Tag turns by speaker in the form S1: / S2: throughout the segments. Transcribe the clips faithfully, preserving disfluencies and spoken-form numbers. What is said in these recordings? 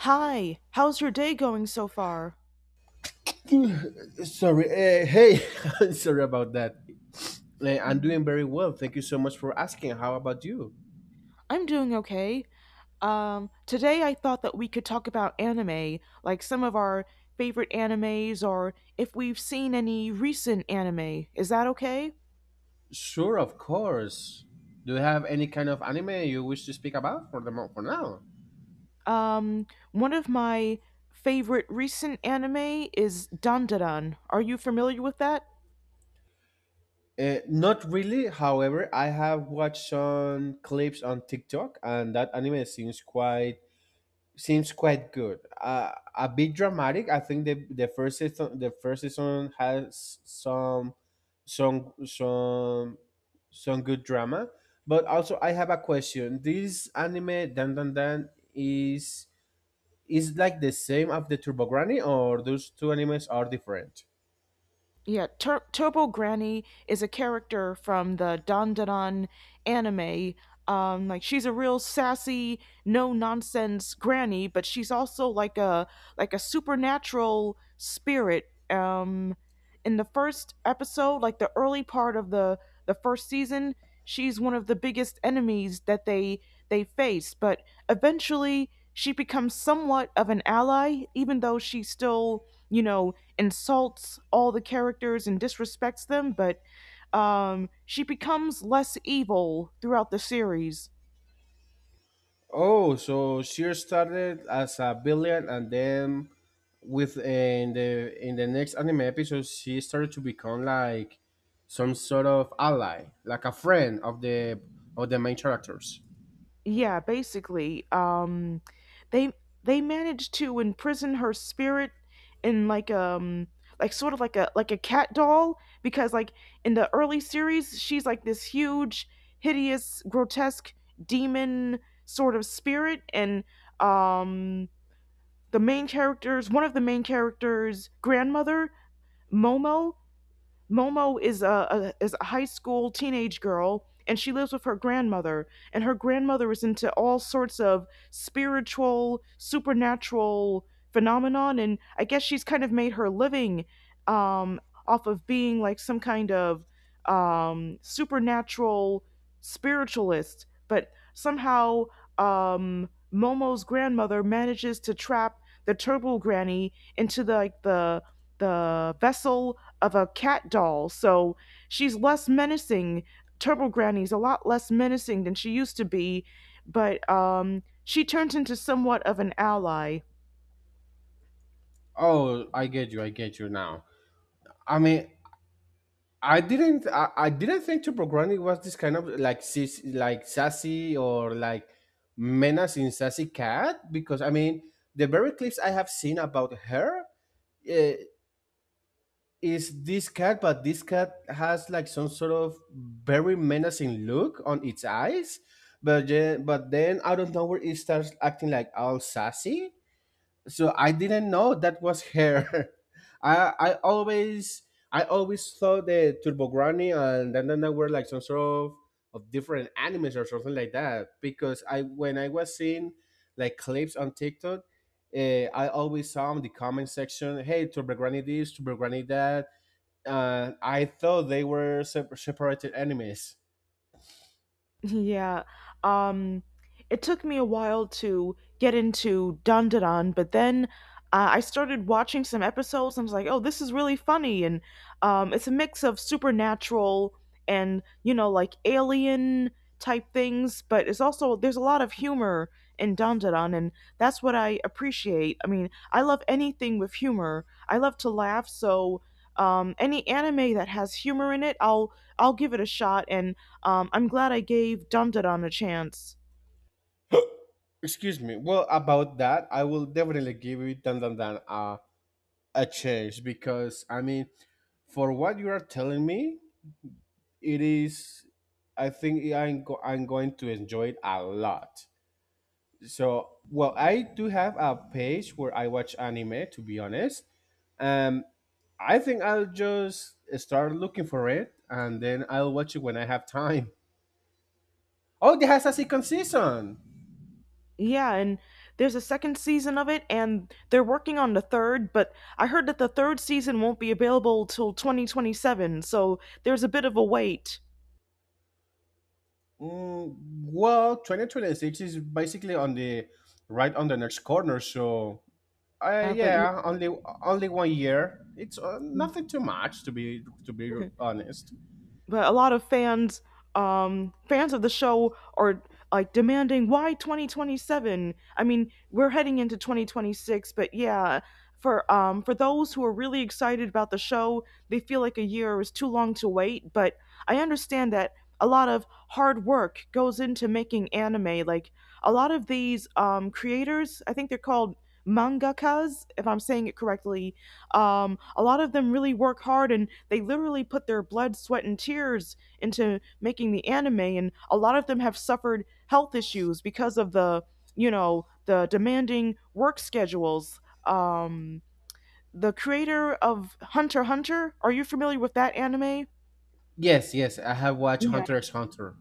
S1: Hi, how's your day going so far?
S2: Sorry. Uh, hey, sorry about that. Eh, I'm doing
S1: Mhm.
S2: very well. Thank you so much for asking. How about you?
S1: I'm doing okay. Um, today I thought that we could talk about anime, like some of our favorite animes or if we've seen any recent anime. Is that okay?
S2: Sure, of course. Do you have any kind of anime you wish to speak about for the mo- for now?
S1: Um, one of my favorite recent anime is Dandadan. Are you familiar with that?
S2: Uh, not really. However, I have watched some clips on TikTok, and that anime seems quite seems quite good. Uh, a bit dramatic. I think the the first season the first season has some some some some good drama. But also, I have a question. This anime Dan Dan Dan is is like the same of the Turbo Granny, or those two animes are different?
S1: Yeah, Tur- Turbo Granny is a character from the Dandadan anime. Um, like she's a real sassy, no nonsense granny, but she's also like a like a supernatural spirit. Um, in the first episode, like the early part of the the first season, she's one of the biggest enemies that they they face. But eventually, she becomes somewhat of an ally, even though she's still you know insults all the characters and disrespects them, but um, she becomes less evil throughout the series.
S2: Oh, so she started as a villain, and then with in the in the next anime episode, she started to become like some sort of ally, like a friend of the of the main characters.
S1: Yeah, basically, um, they they manage to imprison her spirit in like um like sort of like a like a cat doll, because like in the early series she's like this huge hideous grotesque demon sort of spirit. And um the main characters, one of the main characters' grandmother, Momo. Momo is a, a is a high school teenage girl, and she lives with her grandmother, and her grandmother is into all sorts of spiritual supernatural phenomenon. And I guess she's kind of made her living, um off of being like some kind of um supernatural spiritualist. But somehow, um Momo's grandmother manages to trap the turbo granny into the, like the the vessel of a cat doll. So she's less menacing. Turbo Granny's a lot less menacing than she used to be, but um, she turns into somewhat of an ally.
S2: Oh, I get you. I get you now. I mean, I didn't. I, I didn't think Toblerone was this kind of like sis- like sassy or like menace in sassy cat because I mean the very clips I have seen about her. uh, is this cat, but this cat has like some sort of very menacing look on its eyes. But yeah, but then out of nowhere it starts acting like all sassy. So I didn't know that was her. I I always I always thought that Turbo Granny and Dandana were like some sort of of different animes or something like that. Because I when I was seeing like clips on TikTok, uh, I always saw in the comment section, "Hey, Turbo Granny this, Turbo Granny that." uh, I thought they were sep- separated enemies.
S1: Yeah. Um, it took me a while to get into Dandadan, but then uh, I started watching some episodes and I was like, oh, this is really funny. And um, it's a mix of supernatural and, you know, like alien type things, but it's also, there's a lot of humor in Dandadan, and that's what I appreciate. I mean, I love anything with humor, I love to laugh, so. Um, any anime that has humor in it, I'll I'll give it a shot, and um, I'm glad I gave Dum Da Dum a chance.
S2: Excuse me. Well, about that, I will definitely give it Dan Dan Dan uh, a chance because I mean, for what you are telling me, it is. I think I'm go- I'm going to enjoy it a lot. So, well, I do have a page where I watch anime. To be honest, um, I think I'll just start looking for it and then I'll watch it when I have time. Oh, it has a second season.
S1: Yeah, and there's a second season of it, and they're working on the third, but I heard that the third season won't be available till twenty twenty-seven, so there's a bit of a wait.
S2: Mm, well, twenty twenty-six is basically on the right on the next corner. So, uh,
S1: Yeah, but
S2: yeah, only only one year. It's uh, nothing too much to be to be honest.
S1: but a lot of fans, um fans of the show, are like demanding why twenty twenty-seven. I mean, we're heading into twenty twenty-six, but yeah, for um for those who are really excited about the show, they feel like a year is too long to wait. But I understand that a lot of hard work goes into making anime. Like a lot of these um creators, I think they're called mangakas if I'm saying it correctly, um, a lot of them really work hard and they literally put their blood, sweat, and tears into making the anime. And a lot of them have suffered health issues because of the, you know, the demanding work schedules. Um, the creator of Hunter x Hunter, are you familiar with that anime?
S2: Yes, yes, I have watched Hunter x Hunter.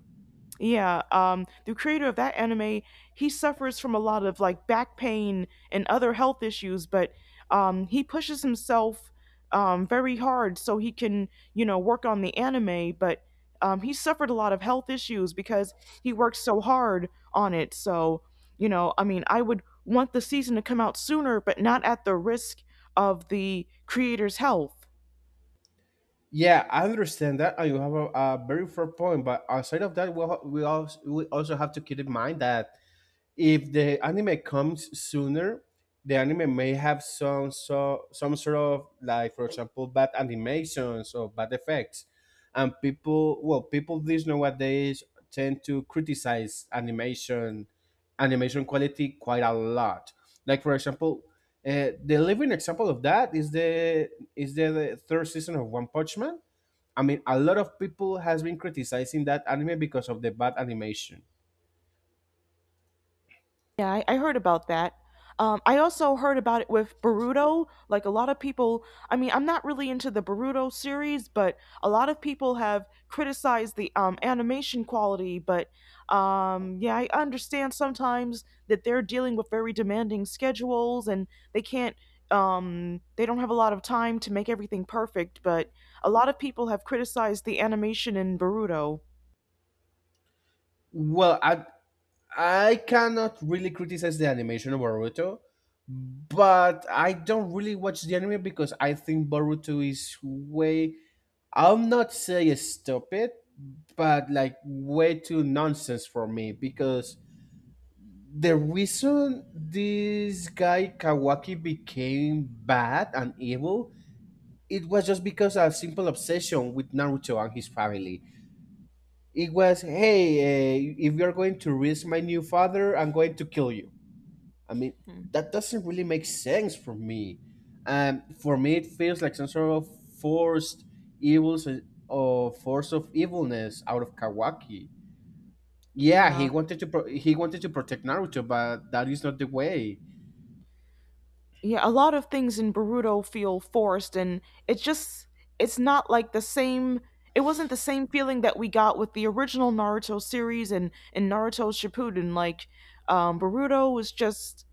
S1: Yeah, um, the creator of that anime, he suffers from a lot of like back pain and other health issues, but um, he pushes himself, um, very hard so he can, you know, work on the anime. But um, he suffered a lot of health issues because he worked so hard on it. So, you know, I mean, I would want the season to come out sooner, but not at the risk of the creator's health.
S2: Yeah, I understand that, and you have a, a very fair point. But outside of that, we al- we also we also have to keep in mind that if the anime comes sooner, the anime may have some so some sort of like, for example, bad animations or bad effects, and people well people these nowadays tend to criticize animation animation quality quite a lot. Like for example, uh, the living example of that is the is the, the third season of One Punch Man. I mean, a lot of people has been criticizing that anime because of the bad animation.
S1: Yeah, I, I heard about that. Um, I also heard about it with Boruto. Like a lot of people, I mean, I'm not really into the Boruto series, but a lot of people have criticized the um, animation quality. But um, yeah, I understand sometimes that they're dealing with very demanding schedules and they can't, um, they don't have a lot of time to make everything perfect. But a lot of people have criticized the animation in Boruto.
S2: Well, I I cannot really criticize the animation of Boruto, but I don't really watch the anime because I think Boruto is way, I'll not say stupid, but like way too nonsense for me because the reason this guy Kawaki became bad and evil, it was just because of a simple obsession with Naruto and his family. It was, hey, uh, if you're going to risk my new father, I'm going to kill you. I mean,
S1: Hmm.
S2: that doesn't really make sense for me. Um, for me, it feels like some sort of forced evils uh, or force of evilness out of Kawaki. Yeah,
S1: Yeah.
S2: he wanted to pro- he wanted to protect Naruto, but that is not the way.
S1: Yeah, a lot of things in Boruto feel forced, and it's just it's not like the same. It wasn't the same feeling that we got with the original Naruto series and and Naruto Shippuden. Like, um, Boruto was just,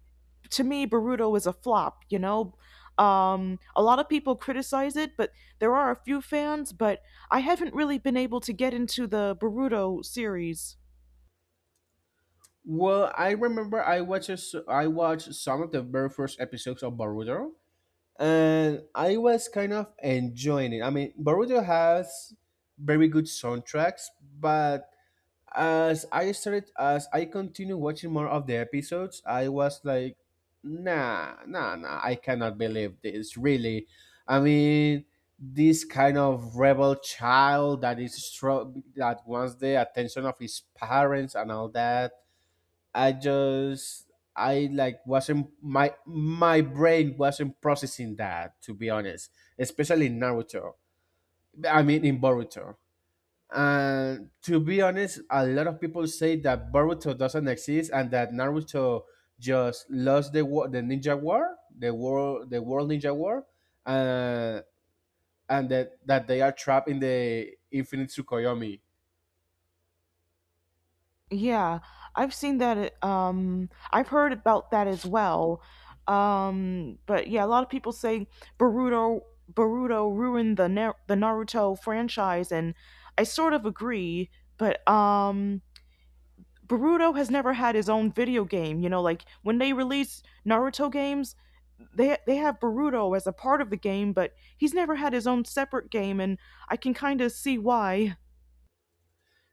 S1: to me, Boruto is a flop. You know, um, a lot of people criticize it, but there are a few fans. But I haven't really been able to get into the Boruto series.
S2: Well, I remember I watched s- I watched some of the very first episodes of Boruto, and I was kind of enjoying it. I mean, Boruto has very good soundtracks, but as I started as I continued watching more of the episodes, I was like, nah, nah, nah, I cannot believe this really. I mean, this kind of rebel child that is strong that wants the attention of his parents and all that. I just I like wasn't my My brain wasn't processing that to be honest, especially in Naruto. I mean in Boruto. And to be honest, a lot of people say that Boruto doesn't exist and that Naruto just lost the war, the ninja war, the world, the world ninja war, uh, and that that they are trapped in the infinite Tsukuyomi.
S1: Yeah, I've seen that. uh, Um, I've heard about that as well. Um, but yeah, a lot of people say Boruto Boruto ruined the Na- the Naruto franchise, and I sort of agree. But um, Boruto has never had his own video game. You know, like when they release Naruto games, they they have Boruto as a part of the game, but he's never had his own separate game, and I can kind of see why.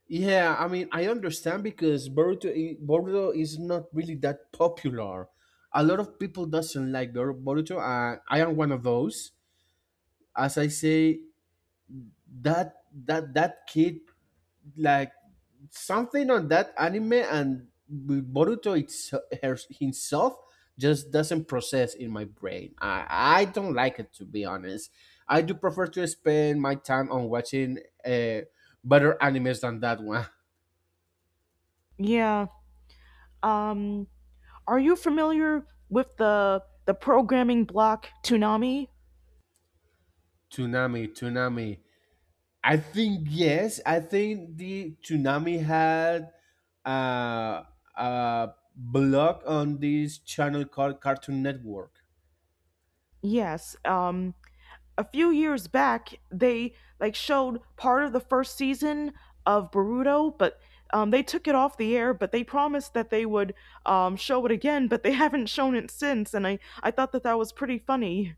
S2: Yeah, I mean, I understand because Boruto i- Boruto is not really that popular. A lot of people doesn't like Bor- Boruto, and I am one of those. As I say, that that that kid, like, something on that anime and with Boruto it's, her, himself, just doesn't process in my brain. I, I don't like it to be honest. I do prefer to spend my time on watching uh, better animes than that one.
S1: Yeah. Um, Are you familiar with the the programming block Toonami?
S2: Tsunami, Tsunami. I think yes. I think the Tsunami had uh, a blog on this channel called Cartoon Network.
S1: Yes. Um, a few years back, they like showed part of the first season of Boruto, but um, they took it off the air. But they promised that they would um, show it again, but they haven't shown it since. And I I thought that that was pretty funny.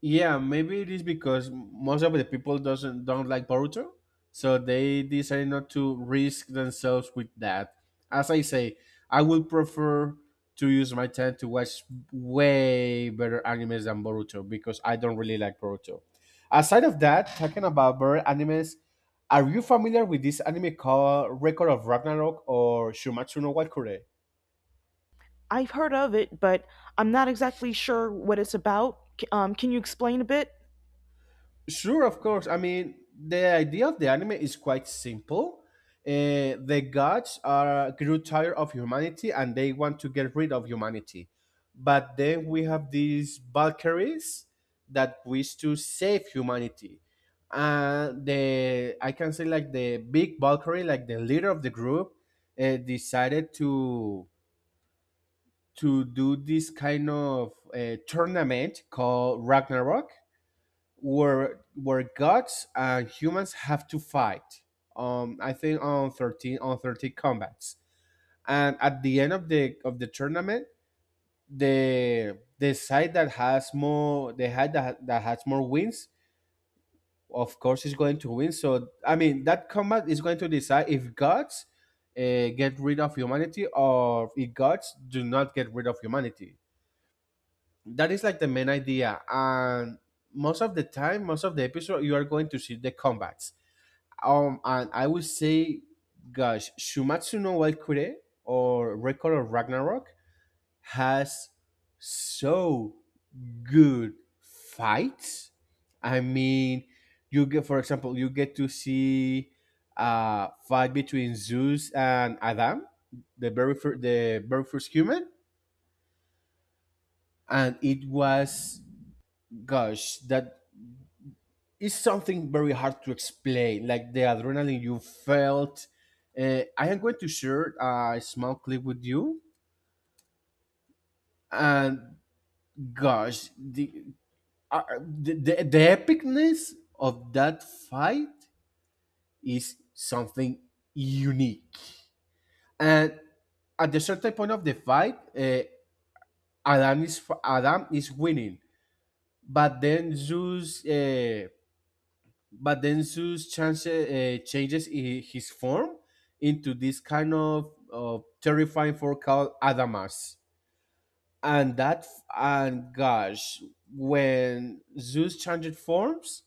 S2: Yeah, maybe it is because most of the people doesn't don't like Boruto, so they decide not to risk themselves with that. As I say, I would prefer to use my time to watch way better animes than Boruto because I don't really like Boruto. Aside of that, talking about better animes, are you familiar with this anime called Record of Ragnarok or Shumatsu no Walkure?
S1: I've heard of it, but I'm not exactly sure what it's about. Um, can you explain a bit?
S2: Sure, of course. I mean, the idea of the anime is quite simple. Uh, the gods are grew tired of humanity and they want to get rid of humanity. But then we have these Valkyries that wish to save humanity. And the I can say like the big Valkyrie, like the leader of the group, uh, decided to to do this kind of uh, tournament called Ragnarok where where gods and humans have to fight. Um, I think on thirteen on thirteen combats, and at the end of the of the tournament, the the side that has more the side that, that has more wins, of course, is going to win. So I mean, that combat is going to decide if gods uh, get rid of humanity or if gods do not get rid of humanity. That is like the main idea, and most of the time, most of the episode, you are going to see the combats. Um, and I would say, gosh, Shumatsu no Waikure or Record of Ragnarok has so good fights. I mean, you get, for example, you get to see a fight between Zeus and Adam, the very first, the very first human, and it was, gosh, that it's something very hard to explain, like the adrenaline you felt. Uh, I am going to share a small clip with you, and gosh, the uh, the, the, the epicness of that fight is something unique. And at the certain point of the fight, uh, Adam is Adam is winning, but then Zeus uh, but then Zeus change, uh, changes i- his form into this kind of uh, terrifying form called Adamas. And that, and gosh, when Zeus changed forms,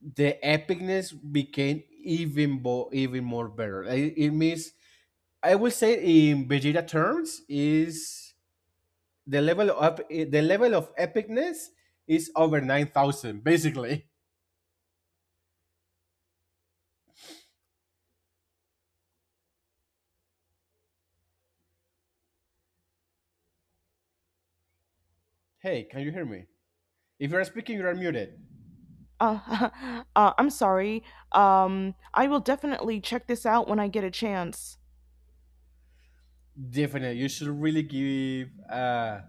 S2: the epicness became even bo- even more better. It, it means, I will say in Vegeta terms, is the level of ep- the level of epicness is over nine thousand basically. Hey, can you hear me? If you're speaking, you are muted.
S1: Uh, uh, I'm sorry. Um, I will definitely check this out when I get a chance.
S2: Definitely, you should really give uh,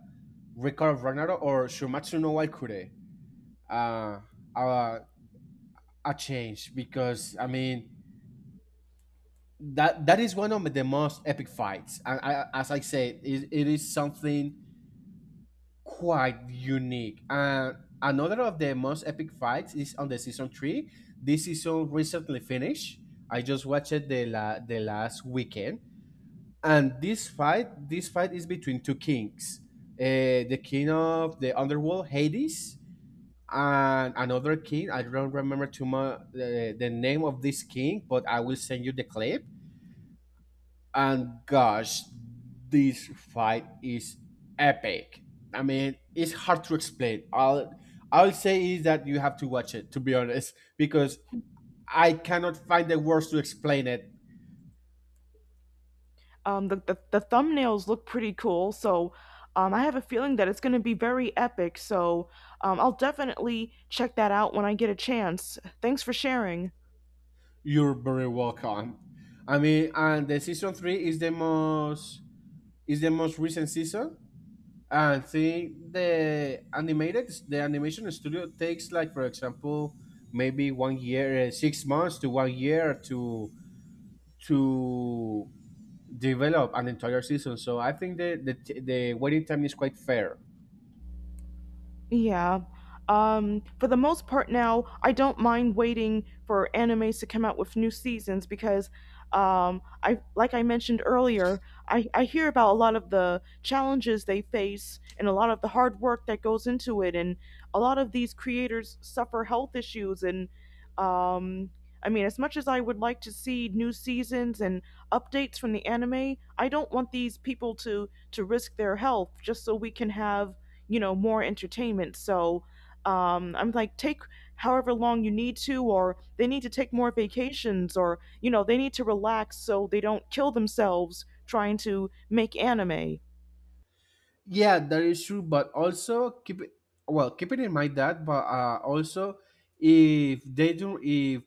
S2: Ricardo Bernardo or Shumatsu no Waikure uh, a, a change because I mean that that is one of the most epic fights, and I, as I said, it, it is something quite unique. And another of the most epic fights is on the season three. This season recently finished. I just watched it the la- the last weekend, and this fight this fight is between two kings uh, the king of the underworld Hades and another king. I don't remember too much the, the name of this king, but I will send you the clip. And gosh, this fight is epic. I mean, it's hard to explain. I'll i'll say is that you have to watch it to be honest, because I cannot find the words to explain it.
S1: Um, the, the, the thumbnails look pretty cool, so um, I have a feeling that it's going to be very epic, so um, I'll definitely check that out when I get a chance. Thanks for sharing.
S2: You're very welcome. I mean, and the season three is the most is the most recent season. And see the animated the animation studio takes, like, for example, maybe one year, uh, six months to one year to to develop an entire season. So I think the the, t- the waiting time is quite fair.
S1: Yeah. Um, for the most part now, I don't mind waiting for animes to come out with new seasons, because um, I like I mentioned earlier, I, I hear about a lot of the challenges they face and a lot of the hard work that goes into it, and a lot of these creators suffer health issues. And um, I mean, as much as I would like to see new seasons and updates from the anime, I don't want these people to to risk their health just so we can have, you know, more entertainment. So um, I'm like, take however long you need to, or they need to take more vacations, or you know, they need to relax so they don't kill themselves trying to make anime.
S2: Yeah, that is true. But also keep it, well, keeping in mind that, but uh, also if they do if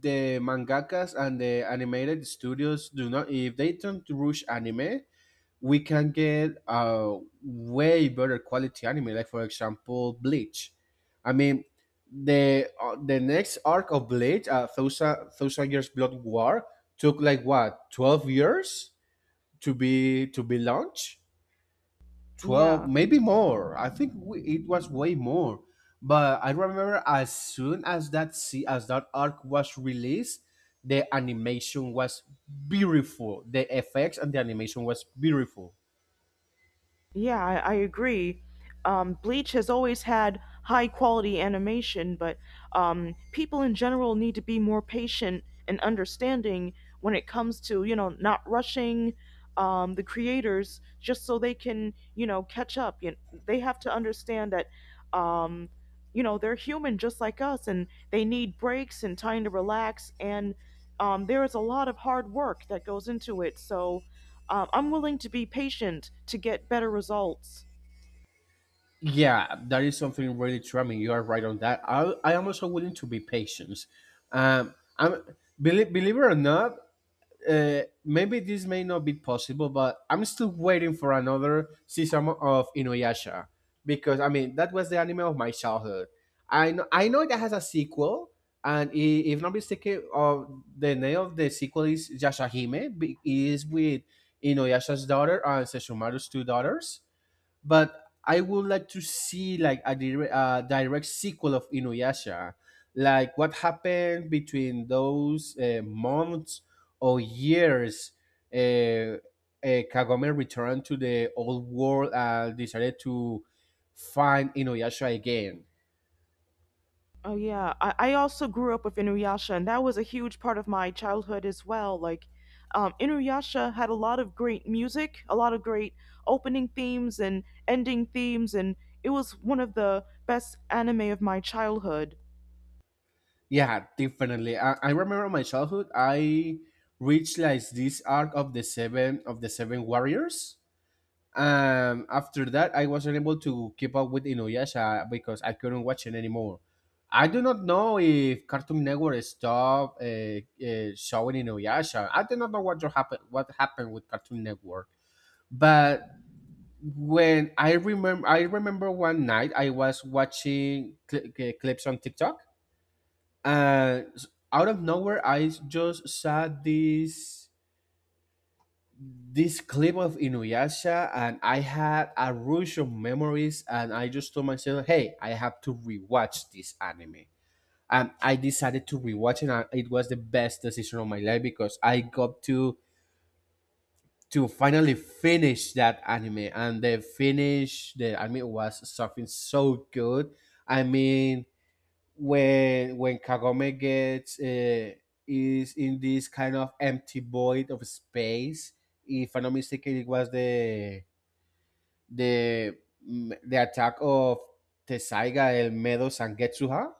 S2: the mangakas and the animated studios do not, if they don't rush anime, we can get a way better quality anime, like for example Bleach. I mean the uh, the next arc of Bleach, uh, thousand thousand Years Blood War, took like, what, twelve years to be to be launched? twelve,
S1: Yeah.
S2: maybe more. I think we, it was way more. But I remember, as soon as that see as that arc was released, the animation was beautiful. The effects and the animation was beautiful.
S1: Yeah, I, I agree. Um, Bleach has always had high quality animation, but um, people in general need to be more patient and understanding when it comes to, you know, not rushing um, the creators just so they can, you know, catch up. You They have to understand that, um, you know, they're human just like us and they need breaks and time to relax. And um, there is a lot of hard work that goes into it. So, um, I'm willing to be patient to get better results.
S2: Yeah, that is something really charming. You are right on that. i, I am also willing to be patient. Um I'm believe, believe it or not, uh, maybe this may not be possible, but I'm still waiting for another season of Inuyasha because I mean, that was the anime of my childhood. I know, I know that has a sequel, and i- if not mistaken, of the name of the sequel is Yashahime. be- Is with Inuyasha's daughter and Sesshomaru's two daughters, but I would like to see like a direct, uh, direct sequel of Inuyasha, like what happened between those uh, months or years. Uh, uh, Kagome returned to the old world and decided to find Inuyasha again.
S1: Oh yeah, I, I also grew up with Inuyasha, and that was a huge part of my childhood as well. Like, um, Inuyasha had a lot of great music, a lot of great opening themes and ending themes, and it was one of the best anime of my childhood.
S2: Yeah, definitely. I, I remember my childhood. I reached like this arc of the seven of the seven warriors. Um, after that, I was unable to keep up with Inuyasha because I couldn't watch it anymore. I do not know if Cartoon Network stopped uh, uh, showing Inuyasha. I do not know what happened. What happened with Cartoon Network? But when I remember, I remember one night I was watching cl- cl- clips on TikTok, and s- out of nowhere, I just saw this. this clip of Inuyasha, and I had a rush of memories, and I just told myself, "Hey, I have to rewatch this anime." And I decided to rewatch it, and it was the best decision of my life because I got to to finally finish that anime, and the finish, the anime was something so good. I mean, when when Kagome gets, uh, is in this kind of empty void of space, if I'm not mistaken, it was the de the Attack of Tesaiga, el Medo Sangetsuha.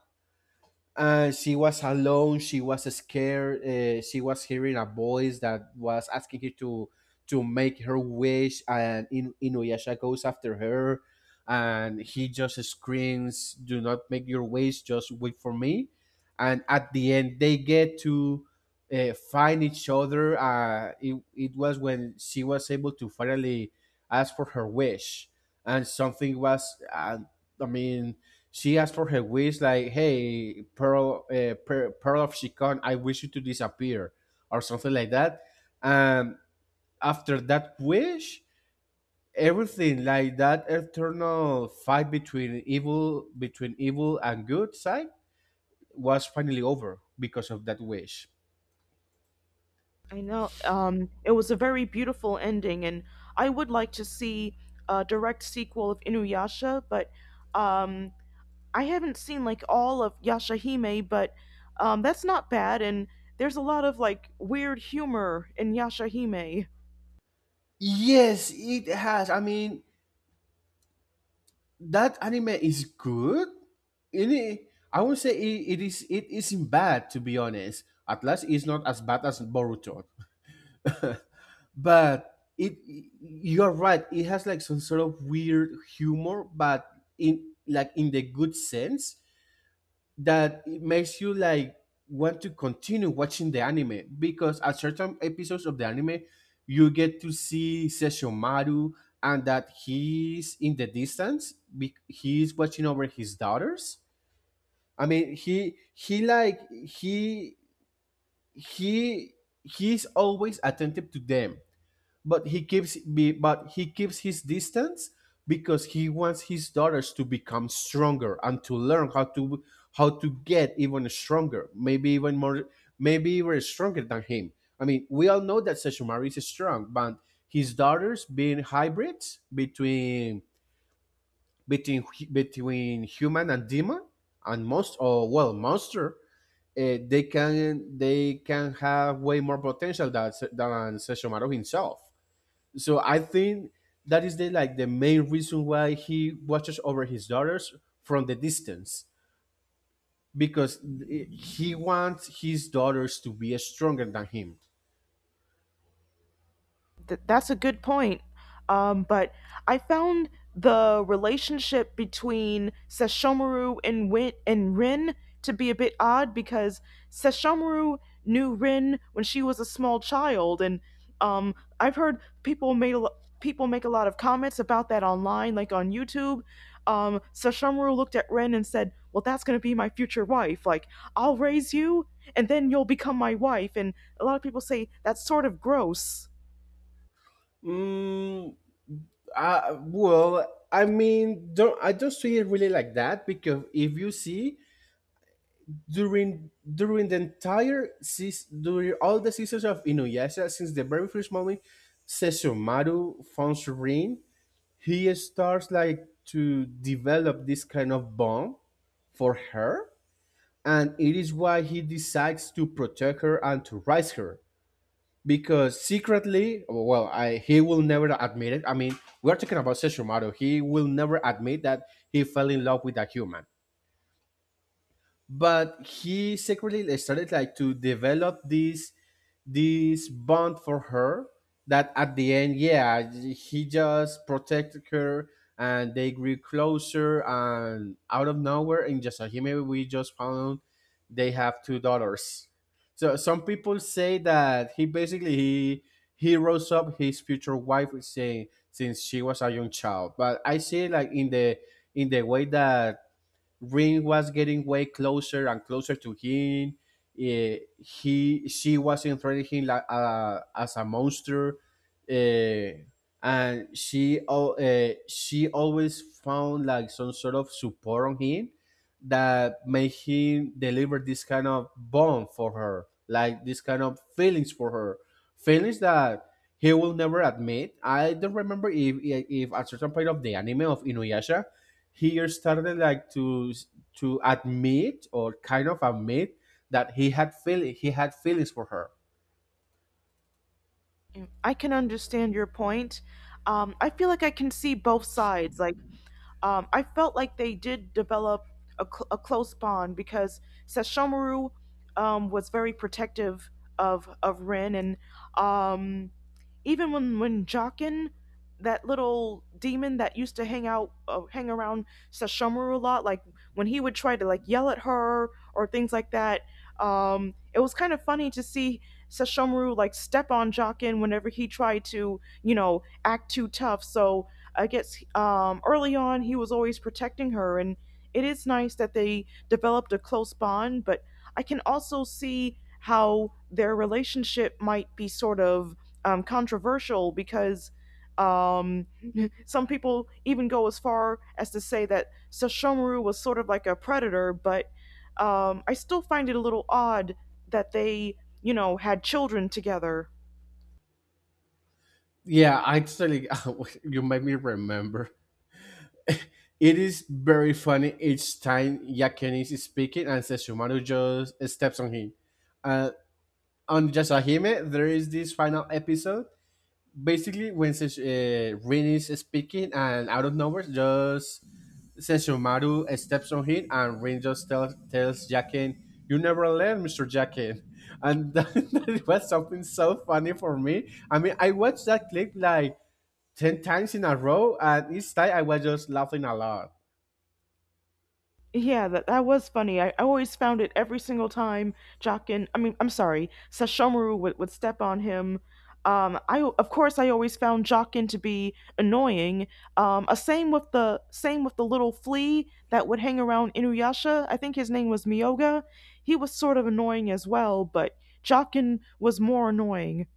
S2: And she was alone, she was scared, uh, she was hearing a voice that was asking her to to make her wish, and In- Inuyasha goes after her, and he just screams, "Do not make your wish, just wait for me." And at the end they get to uh, find each other. Uh, it, it was when she was able to finally ask for her wish. And something was, uh, I mean, she asked for her wish, like, "Hey, Pearl, uh, Pearl, Pearl of Shikon, I wish you to disappear," or something like that. And after that wish, everything, like, that eternal fight between evil, between evil and good side, was finally over because of that wish.
S1: I know, um, it was a very beautiful ending, and I would like to see a direct sequel of Inuyasha, but um, I haven't seen like all of Yashahime, but um, that's not bad. And there's a lot of like weird humor in Yashahime.
S2: Yes, it has. I mean, that anime is good. It, I would say it, it is it isn't bad, to be honest. At least it's not as bad as Boruto, but it, you're right. It has like some sort of weird humor, but in like, in the good sense, that it makes you like want to continue watching the anime, because at certain episodes of the anime you get to see Sesshomaru, and that he's in the distance, be- he's watching over his daughters. I mean, he he like he he he's always attentive to them, but he keeps be, but he keeps his distance because he wants his daughters to become stronger and to learn how to how to get even stronger, maybe even more, maybe even stronger than him. I mean, we all know that Sessumari is strong, but his daughters, being hybrids between between between human and demon, and most, or well, monster, uh, they can, they can have way more potential than than Sesshomaru himself. So I think that is the like the main reason why he watches over his daughters from the distance, because he wants his daughters to be stronger than him.
S1: Th- that's a good point. Um, but I found the relationship between Sesshomaru and Win- and Rin to be a bit odd, because Sesshomaru knew Rin when she was a small child, and um, I've heard people made a lo- people make a lot of comments about that online, like on YouTube. Um, Sesshomaru looked at Rin and said, "Well, that's going to be my future wife. Like, I'll raise you, and then you'll become my wife." And a lot of people say that's sort of gross.
S2: Mm, uh, well, I mean, don't I don't see it really like that, because if you see, during during the entire season, during all the seasons of Inuyasha, since the very first moment Sesshomaru found Rin, he starts like to develop this kind of bond for her, and it is why he decides to protect her and to raise her, because secretly, well I, he will never admit it. I mean, we're talking about Sesshomaru. He will never admit that he fell in love with a human, but he secretly, like, started like to develop this this bond for her, that at the end, yeah, he just protected her, and they grew closer, and out of nowhere, in just a, maybe we just found, they have two daughters. So some people say that he basically he he rose up his future wife saying since she was a young child, but I see it like in the in the way that Ring was getting way closer and closer to him. Eh, he she was entering him like, uh, as a monster, eh, and she al- eh, she always found like some sort of support on him, that made him deliver this kind of bond for her, like this kind of feelings for her, feelings that he will never admit. I don't remember if if at certain point of the anime of Inuyasha, he started like to to admit or kind of admit that he had feel he had feelings for her.
S1: I can understand your point. Um, I feel like I can see both sides. Like, um, I felt like they did develop a, cl- a close bond because Sesshomaru, um, was very protective of of Rin, and um, even when when Jockin, that little demon that used to hang out, uh, hang around Sesshomaru a lot, like when he would try to like yell at her or things like that, um, it was kind of funny to see Sesshomaru like step on Jockin whenever he tried to, you know, act too tough. So I guess um, early on he was always protecting her, and it is nice that they developed a close bond. But I can also see how their relationship might be sort of um, controversial because um, some people even go as far as to say that Sesshomaru was sort of like a predator, but um, I still find it a little odd that they you know, had children together.
S2: Yeah, actually, you made me remember. It is very funny each time Yakenis is speaking and Sesshomaru just steps on him. Uh, on Yasahime, there is this final episode. Basically, when Sesh- uh, Rin is speaking and out of nowhere, just Sesshomaru steps on him, and Ringo tells, tells Jacken, "You never learn, Mister Jacken." And that, that was something so funny for me. I mean, I watched that clip like ten times in a row, and each time I was just laughing a lot.
S1: Yeah, that, that was funny. I, I always found it every single time Jockin, I mean, I'm sorry, Sashomaru would, would step on him. Um, I of course I always found Jockin to be annoying. Um, uh, same with the same with the little flea that would hang around Inuyasha. I think his name was Miyoga. He was sort of annoying as well, but Jockin was more annoying.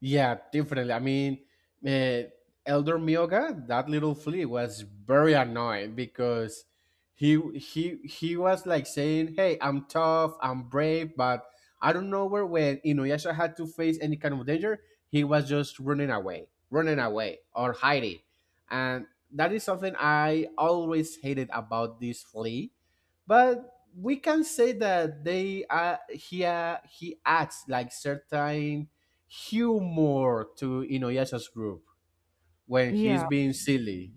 S2: Yeah, definitely. I mean, uh, Elder Mioga, that little flea was very annoying, because he he he was like saying, "Hey, I'm tough, I'm brave," but I don't know where, when Inuyasha had to face any kind of danger, he was just running away, running away or hiding, and that is something I always hated about this flea. But we can say that they uh, he uh, he adds like certain humor to Inuyasha's group when he's
S1: Yeah.
S2: being silly.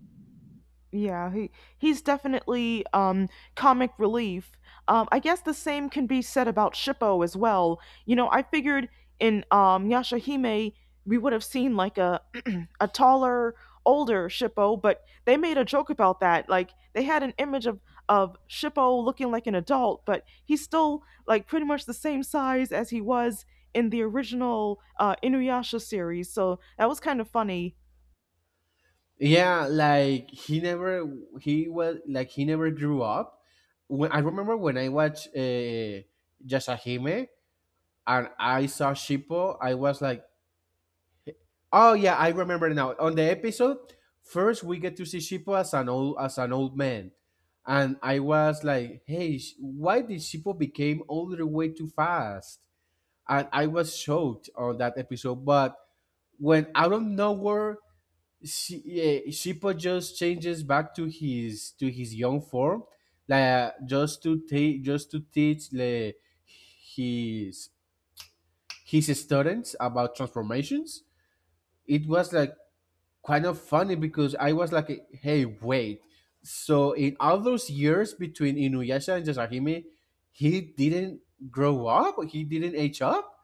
S1: Yeah, he he's definitely um comic relief. Um I guess the same can be said about Shippo as well. You know, I figured in um Yashahime we would have seen like a a taller, older Shippo, but they made a joke about that. Like they had an image of of Shippo looking like an adult, but he's still like pretty much the same size as he was in the original uh Inuyasha series. So that was kind of funny.
S2: Yeah, like he never, he was like he never grew up. When I remember when I watched, uh, Yasahime, and I saw Shippo, I was like, oh yeah, I remember now. On the episode, first we get to see Shippo as an old as an old man, and I was like, "Hey, sh- why did Shippo became older way too fast?" And I was shocked on that episode. But when out of nowhere, she, eh, Shippo just changes back to his to his young form, like, uh, just to take just to teach the his his students about transformations. It was like kind of funny because I was like, hey, wait. So in all those years between Inuyasha and Yasahime, he didn't grow up? He didn't age up?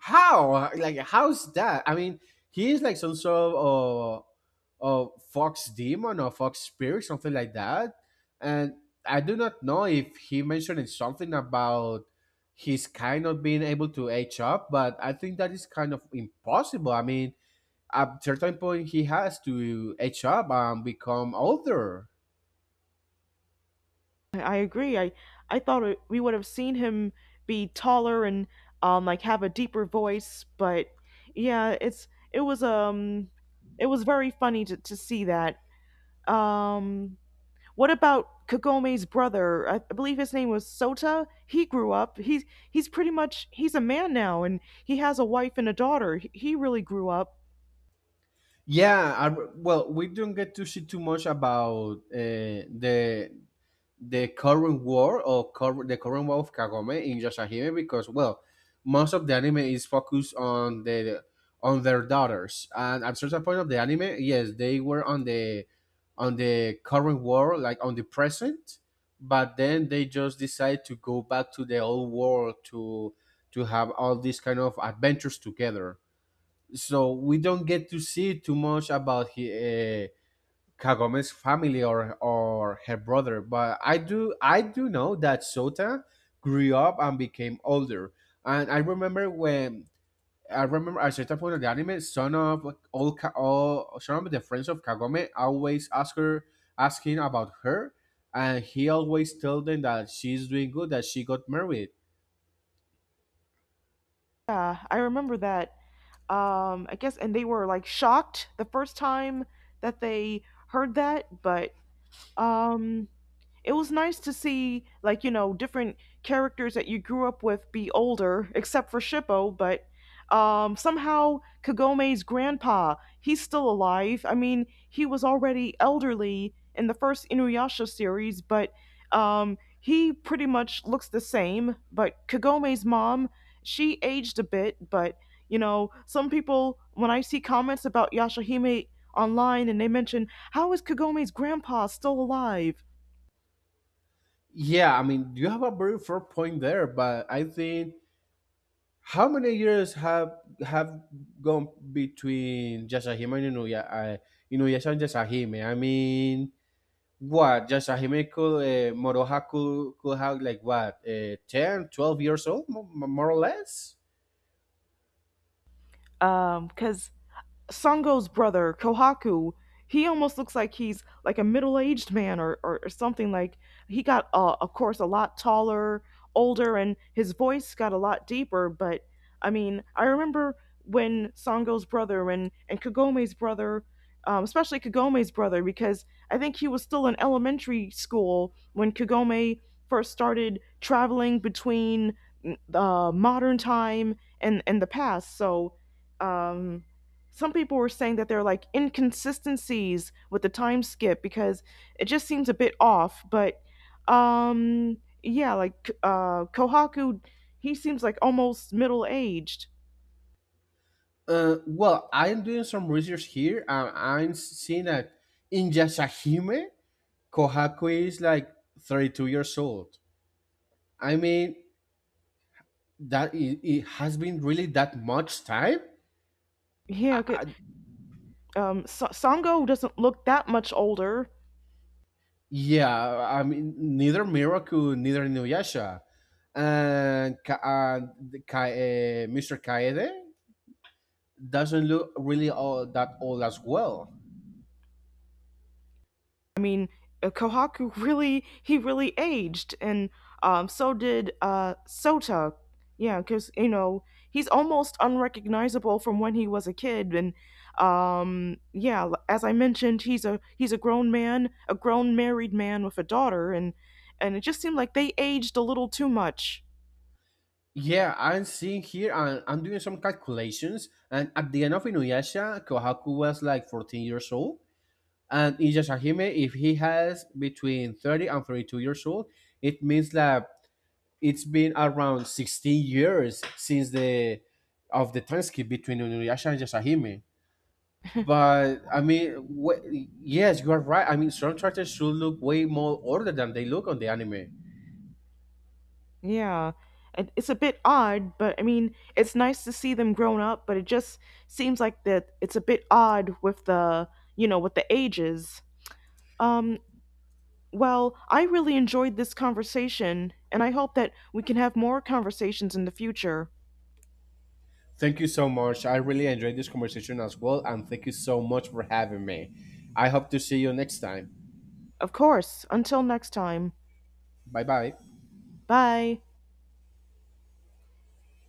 S2: How? Like, how's that? I mean, he is like some sort of uh, uh, fox demon or fox spirit, something like that. And I do not know if he mentioned something about his kind of being able to age up, but I think that is kind of impossible. I mean, at certain point he has to age up and become older.
S1: I agree. I I thought it- we would have seen him be taller and um like have a deeper voice, but yeah, it's it was um it was very funny to, to see that. Um what about Kagome's brother? I I believe his name was Sota. He grew up. He's he's pretty much he's a man now and he has a wife and a daughter. He, he really grew up.
S2: Yeah, I, well, we don't get to see too much about uh, the the current war, or cur- the current war of Kagome in Yashahime, because, well, most of the anime is focused on the on their daughters, and at certain point of the anime, yes, they were on the on the current war, like on the present, but then they just decide to go back to the old world to to have all these kind of adventures together. So we don't get to see too much about he, uh, Kagome's family, or or her brother. But I do I do know that Sota grew up and became older. And I remember when I remember at a certain point of the anime, son of all, Ka- all son of the friends of Kagome always ask her asking about her, and he always tell them that she's doing good, that she got married.
S1: Yeah, I remember that. Um I guess and they were like shocked the first time that they heard that, but um it was nice to see like you know different characters that you grew up with be older except for Shippo, but um somehow Kagome's grandpa, he's still alive. I mean, he was already elderly in the first Inuyasha series, but um he pretty much looks the same. But Kagome's mom, she aged a bit. But you know, some people, when I see comments about Yashahime online, and they mention, how is Kagome's grandpa still alive?
S2: Yeah, I mean, you have a very fair point there, but I think, how many years have have gone between Yasahime and Inuya, uh, Inuyasha and Yasahime? I mean, what? Yasahime could, uh, Moroha could, could have like, what, uh, ten, twelve years old, mo- mo- more or less?
S1: Um, because Sango's brother, Kohaku, he almost looks like he's like a middle aged man or, or, or something. Like he got, uh, of course, a lot taller, older, and his voice got a lot deeper. But I mean, I remember when Sango's brother and, and Kagome's brother, um, especially Kagome's brother, because I think he was still in elementary school when Kagome first started traveling between mm, uh, modern time and, and the past. So um, some people were saying that there are like inconsistencies with the time skip because it just seems a bit off. But um, yeah, like uh, Kohaku, he seems like almost middle aged.
S2: Uh, well, I'm doing some research here, and I'm seeing that in Yasahime, Kohaku is like thirty-two years old. I mean, that, it, it has been really that much time.
S1: Yeah, good.
S2: I
S1: Um, Sa- Sango doesn't look that much older.
S2: Yeah, I mean, neither Miracle, neither Inuyasha. And Ka- uh, the Ka- uh, mister Kaede doesn't look really all that old as well.
S1: I mean, uh, Kohaku really he really aged, and um, so did uh, Sota. Yeah, because you know he's almost unrecognizable from when he was a kid, and um, yeah, l- as I mentioned, he's a he's a grown man, a grown married man with a daughter, and and it just seemed like they aged a little too much.
S2: Yeah, I'm seeing here, and I'm doing some calculations, and at the end of Inuyasha, Kohaku was like fourteen years old, and Hime, if he has between thirty and thirty-two years old, it means that it's been around sixteen years since the of the time skip between Inuyasha and Hime. But I mean, wh- yes, you are right. I mean, storm trotters should look way more older than they look on the anime.
S1: Yeah, and it's a bit odd, but I mean, it's nice to see them grown up, but it just seems like that it's a bit odd with the you know with the ages. Um, well, I really enjoyed this conversation, and I hope that we can have more conversations in the future.
S2: Thank you so much. I really enjoyed this conversation as well, and thank you so much for having me. I hope to see you next time.
S1: Of course, until next time.
S2: Bye bye.
S1: Bye.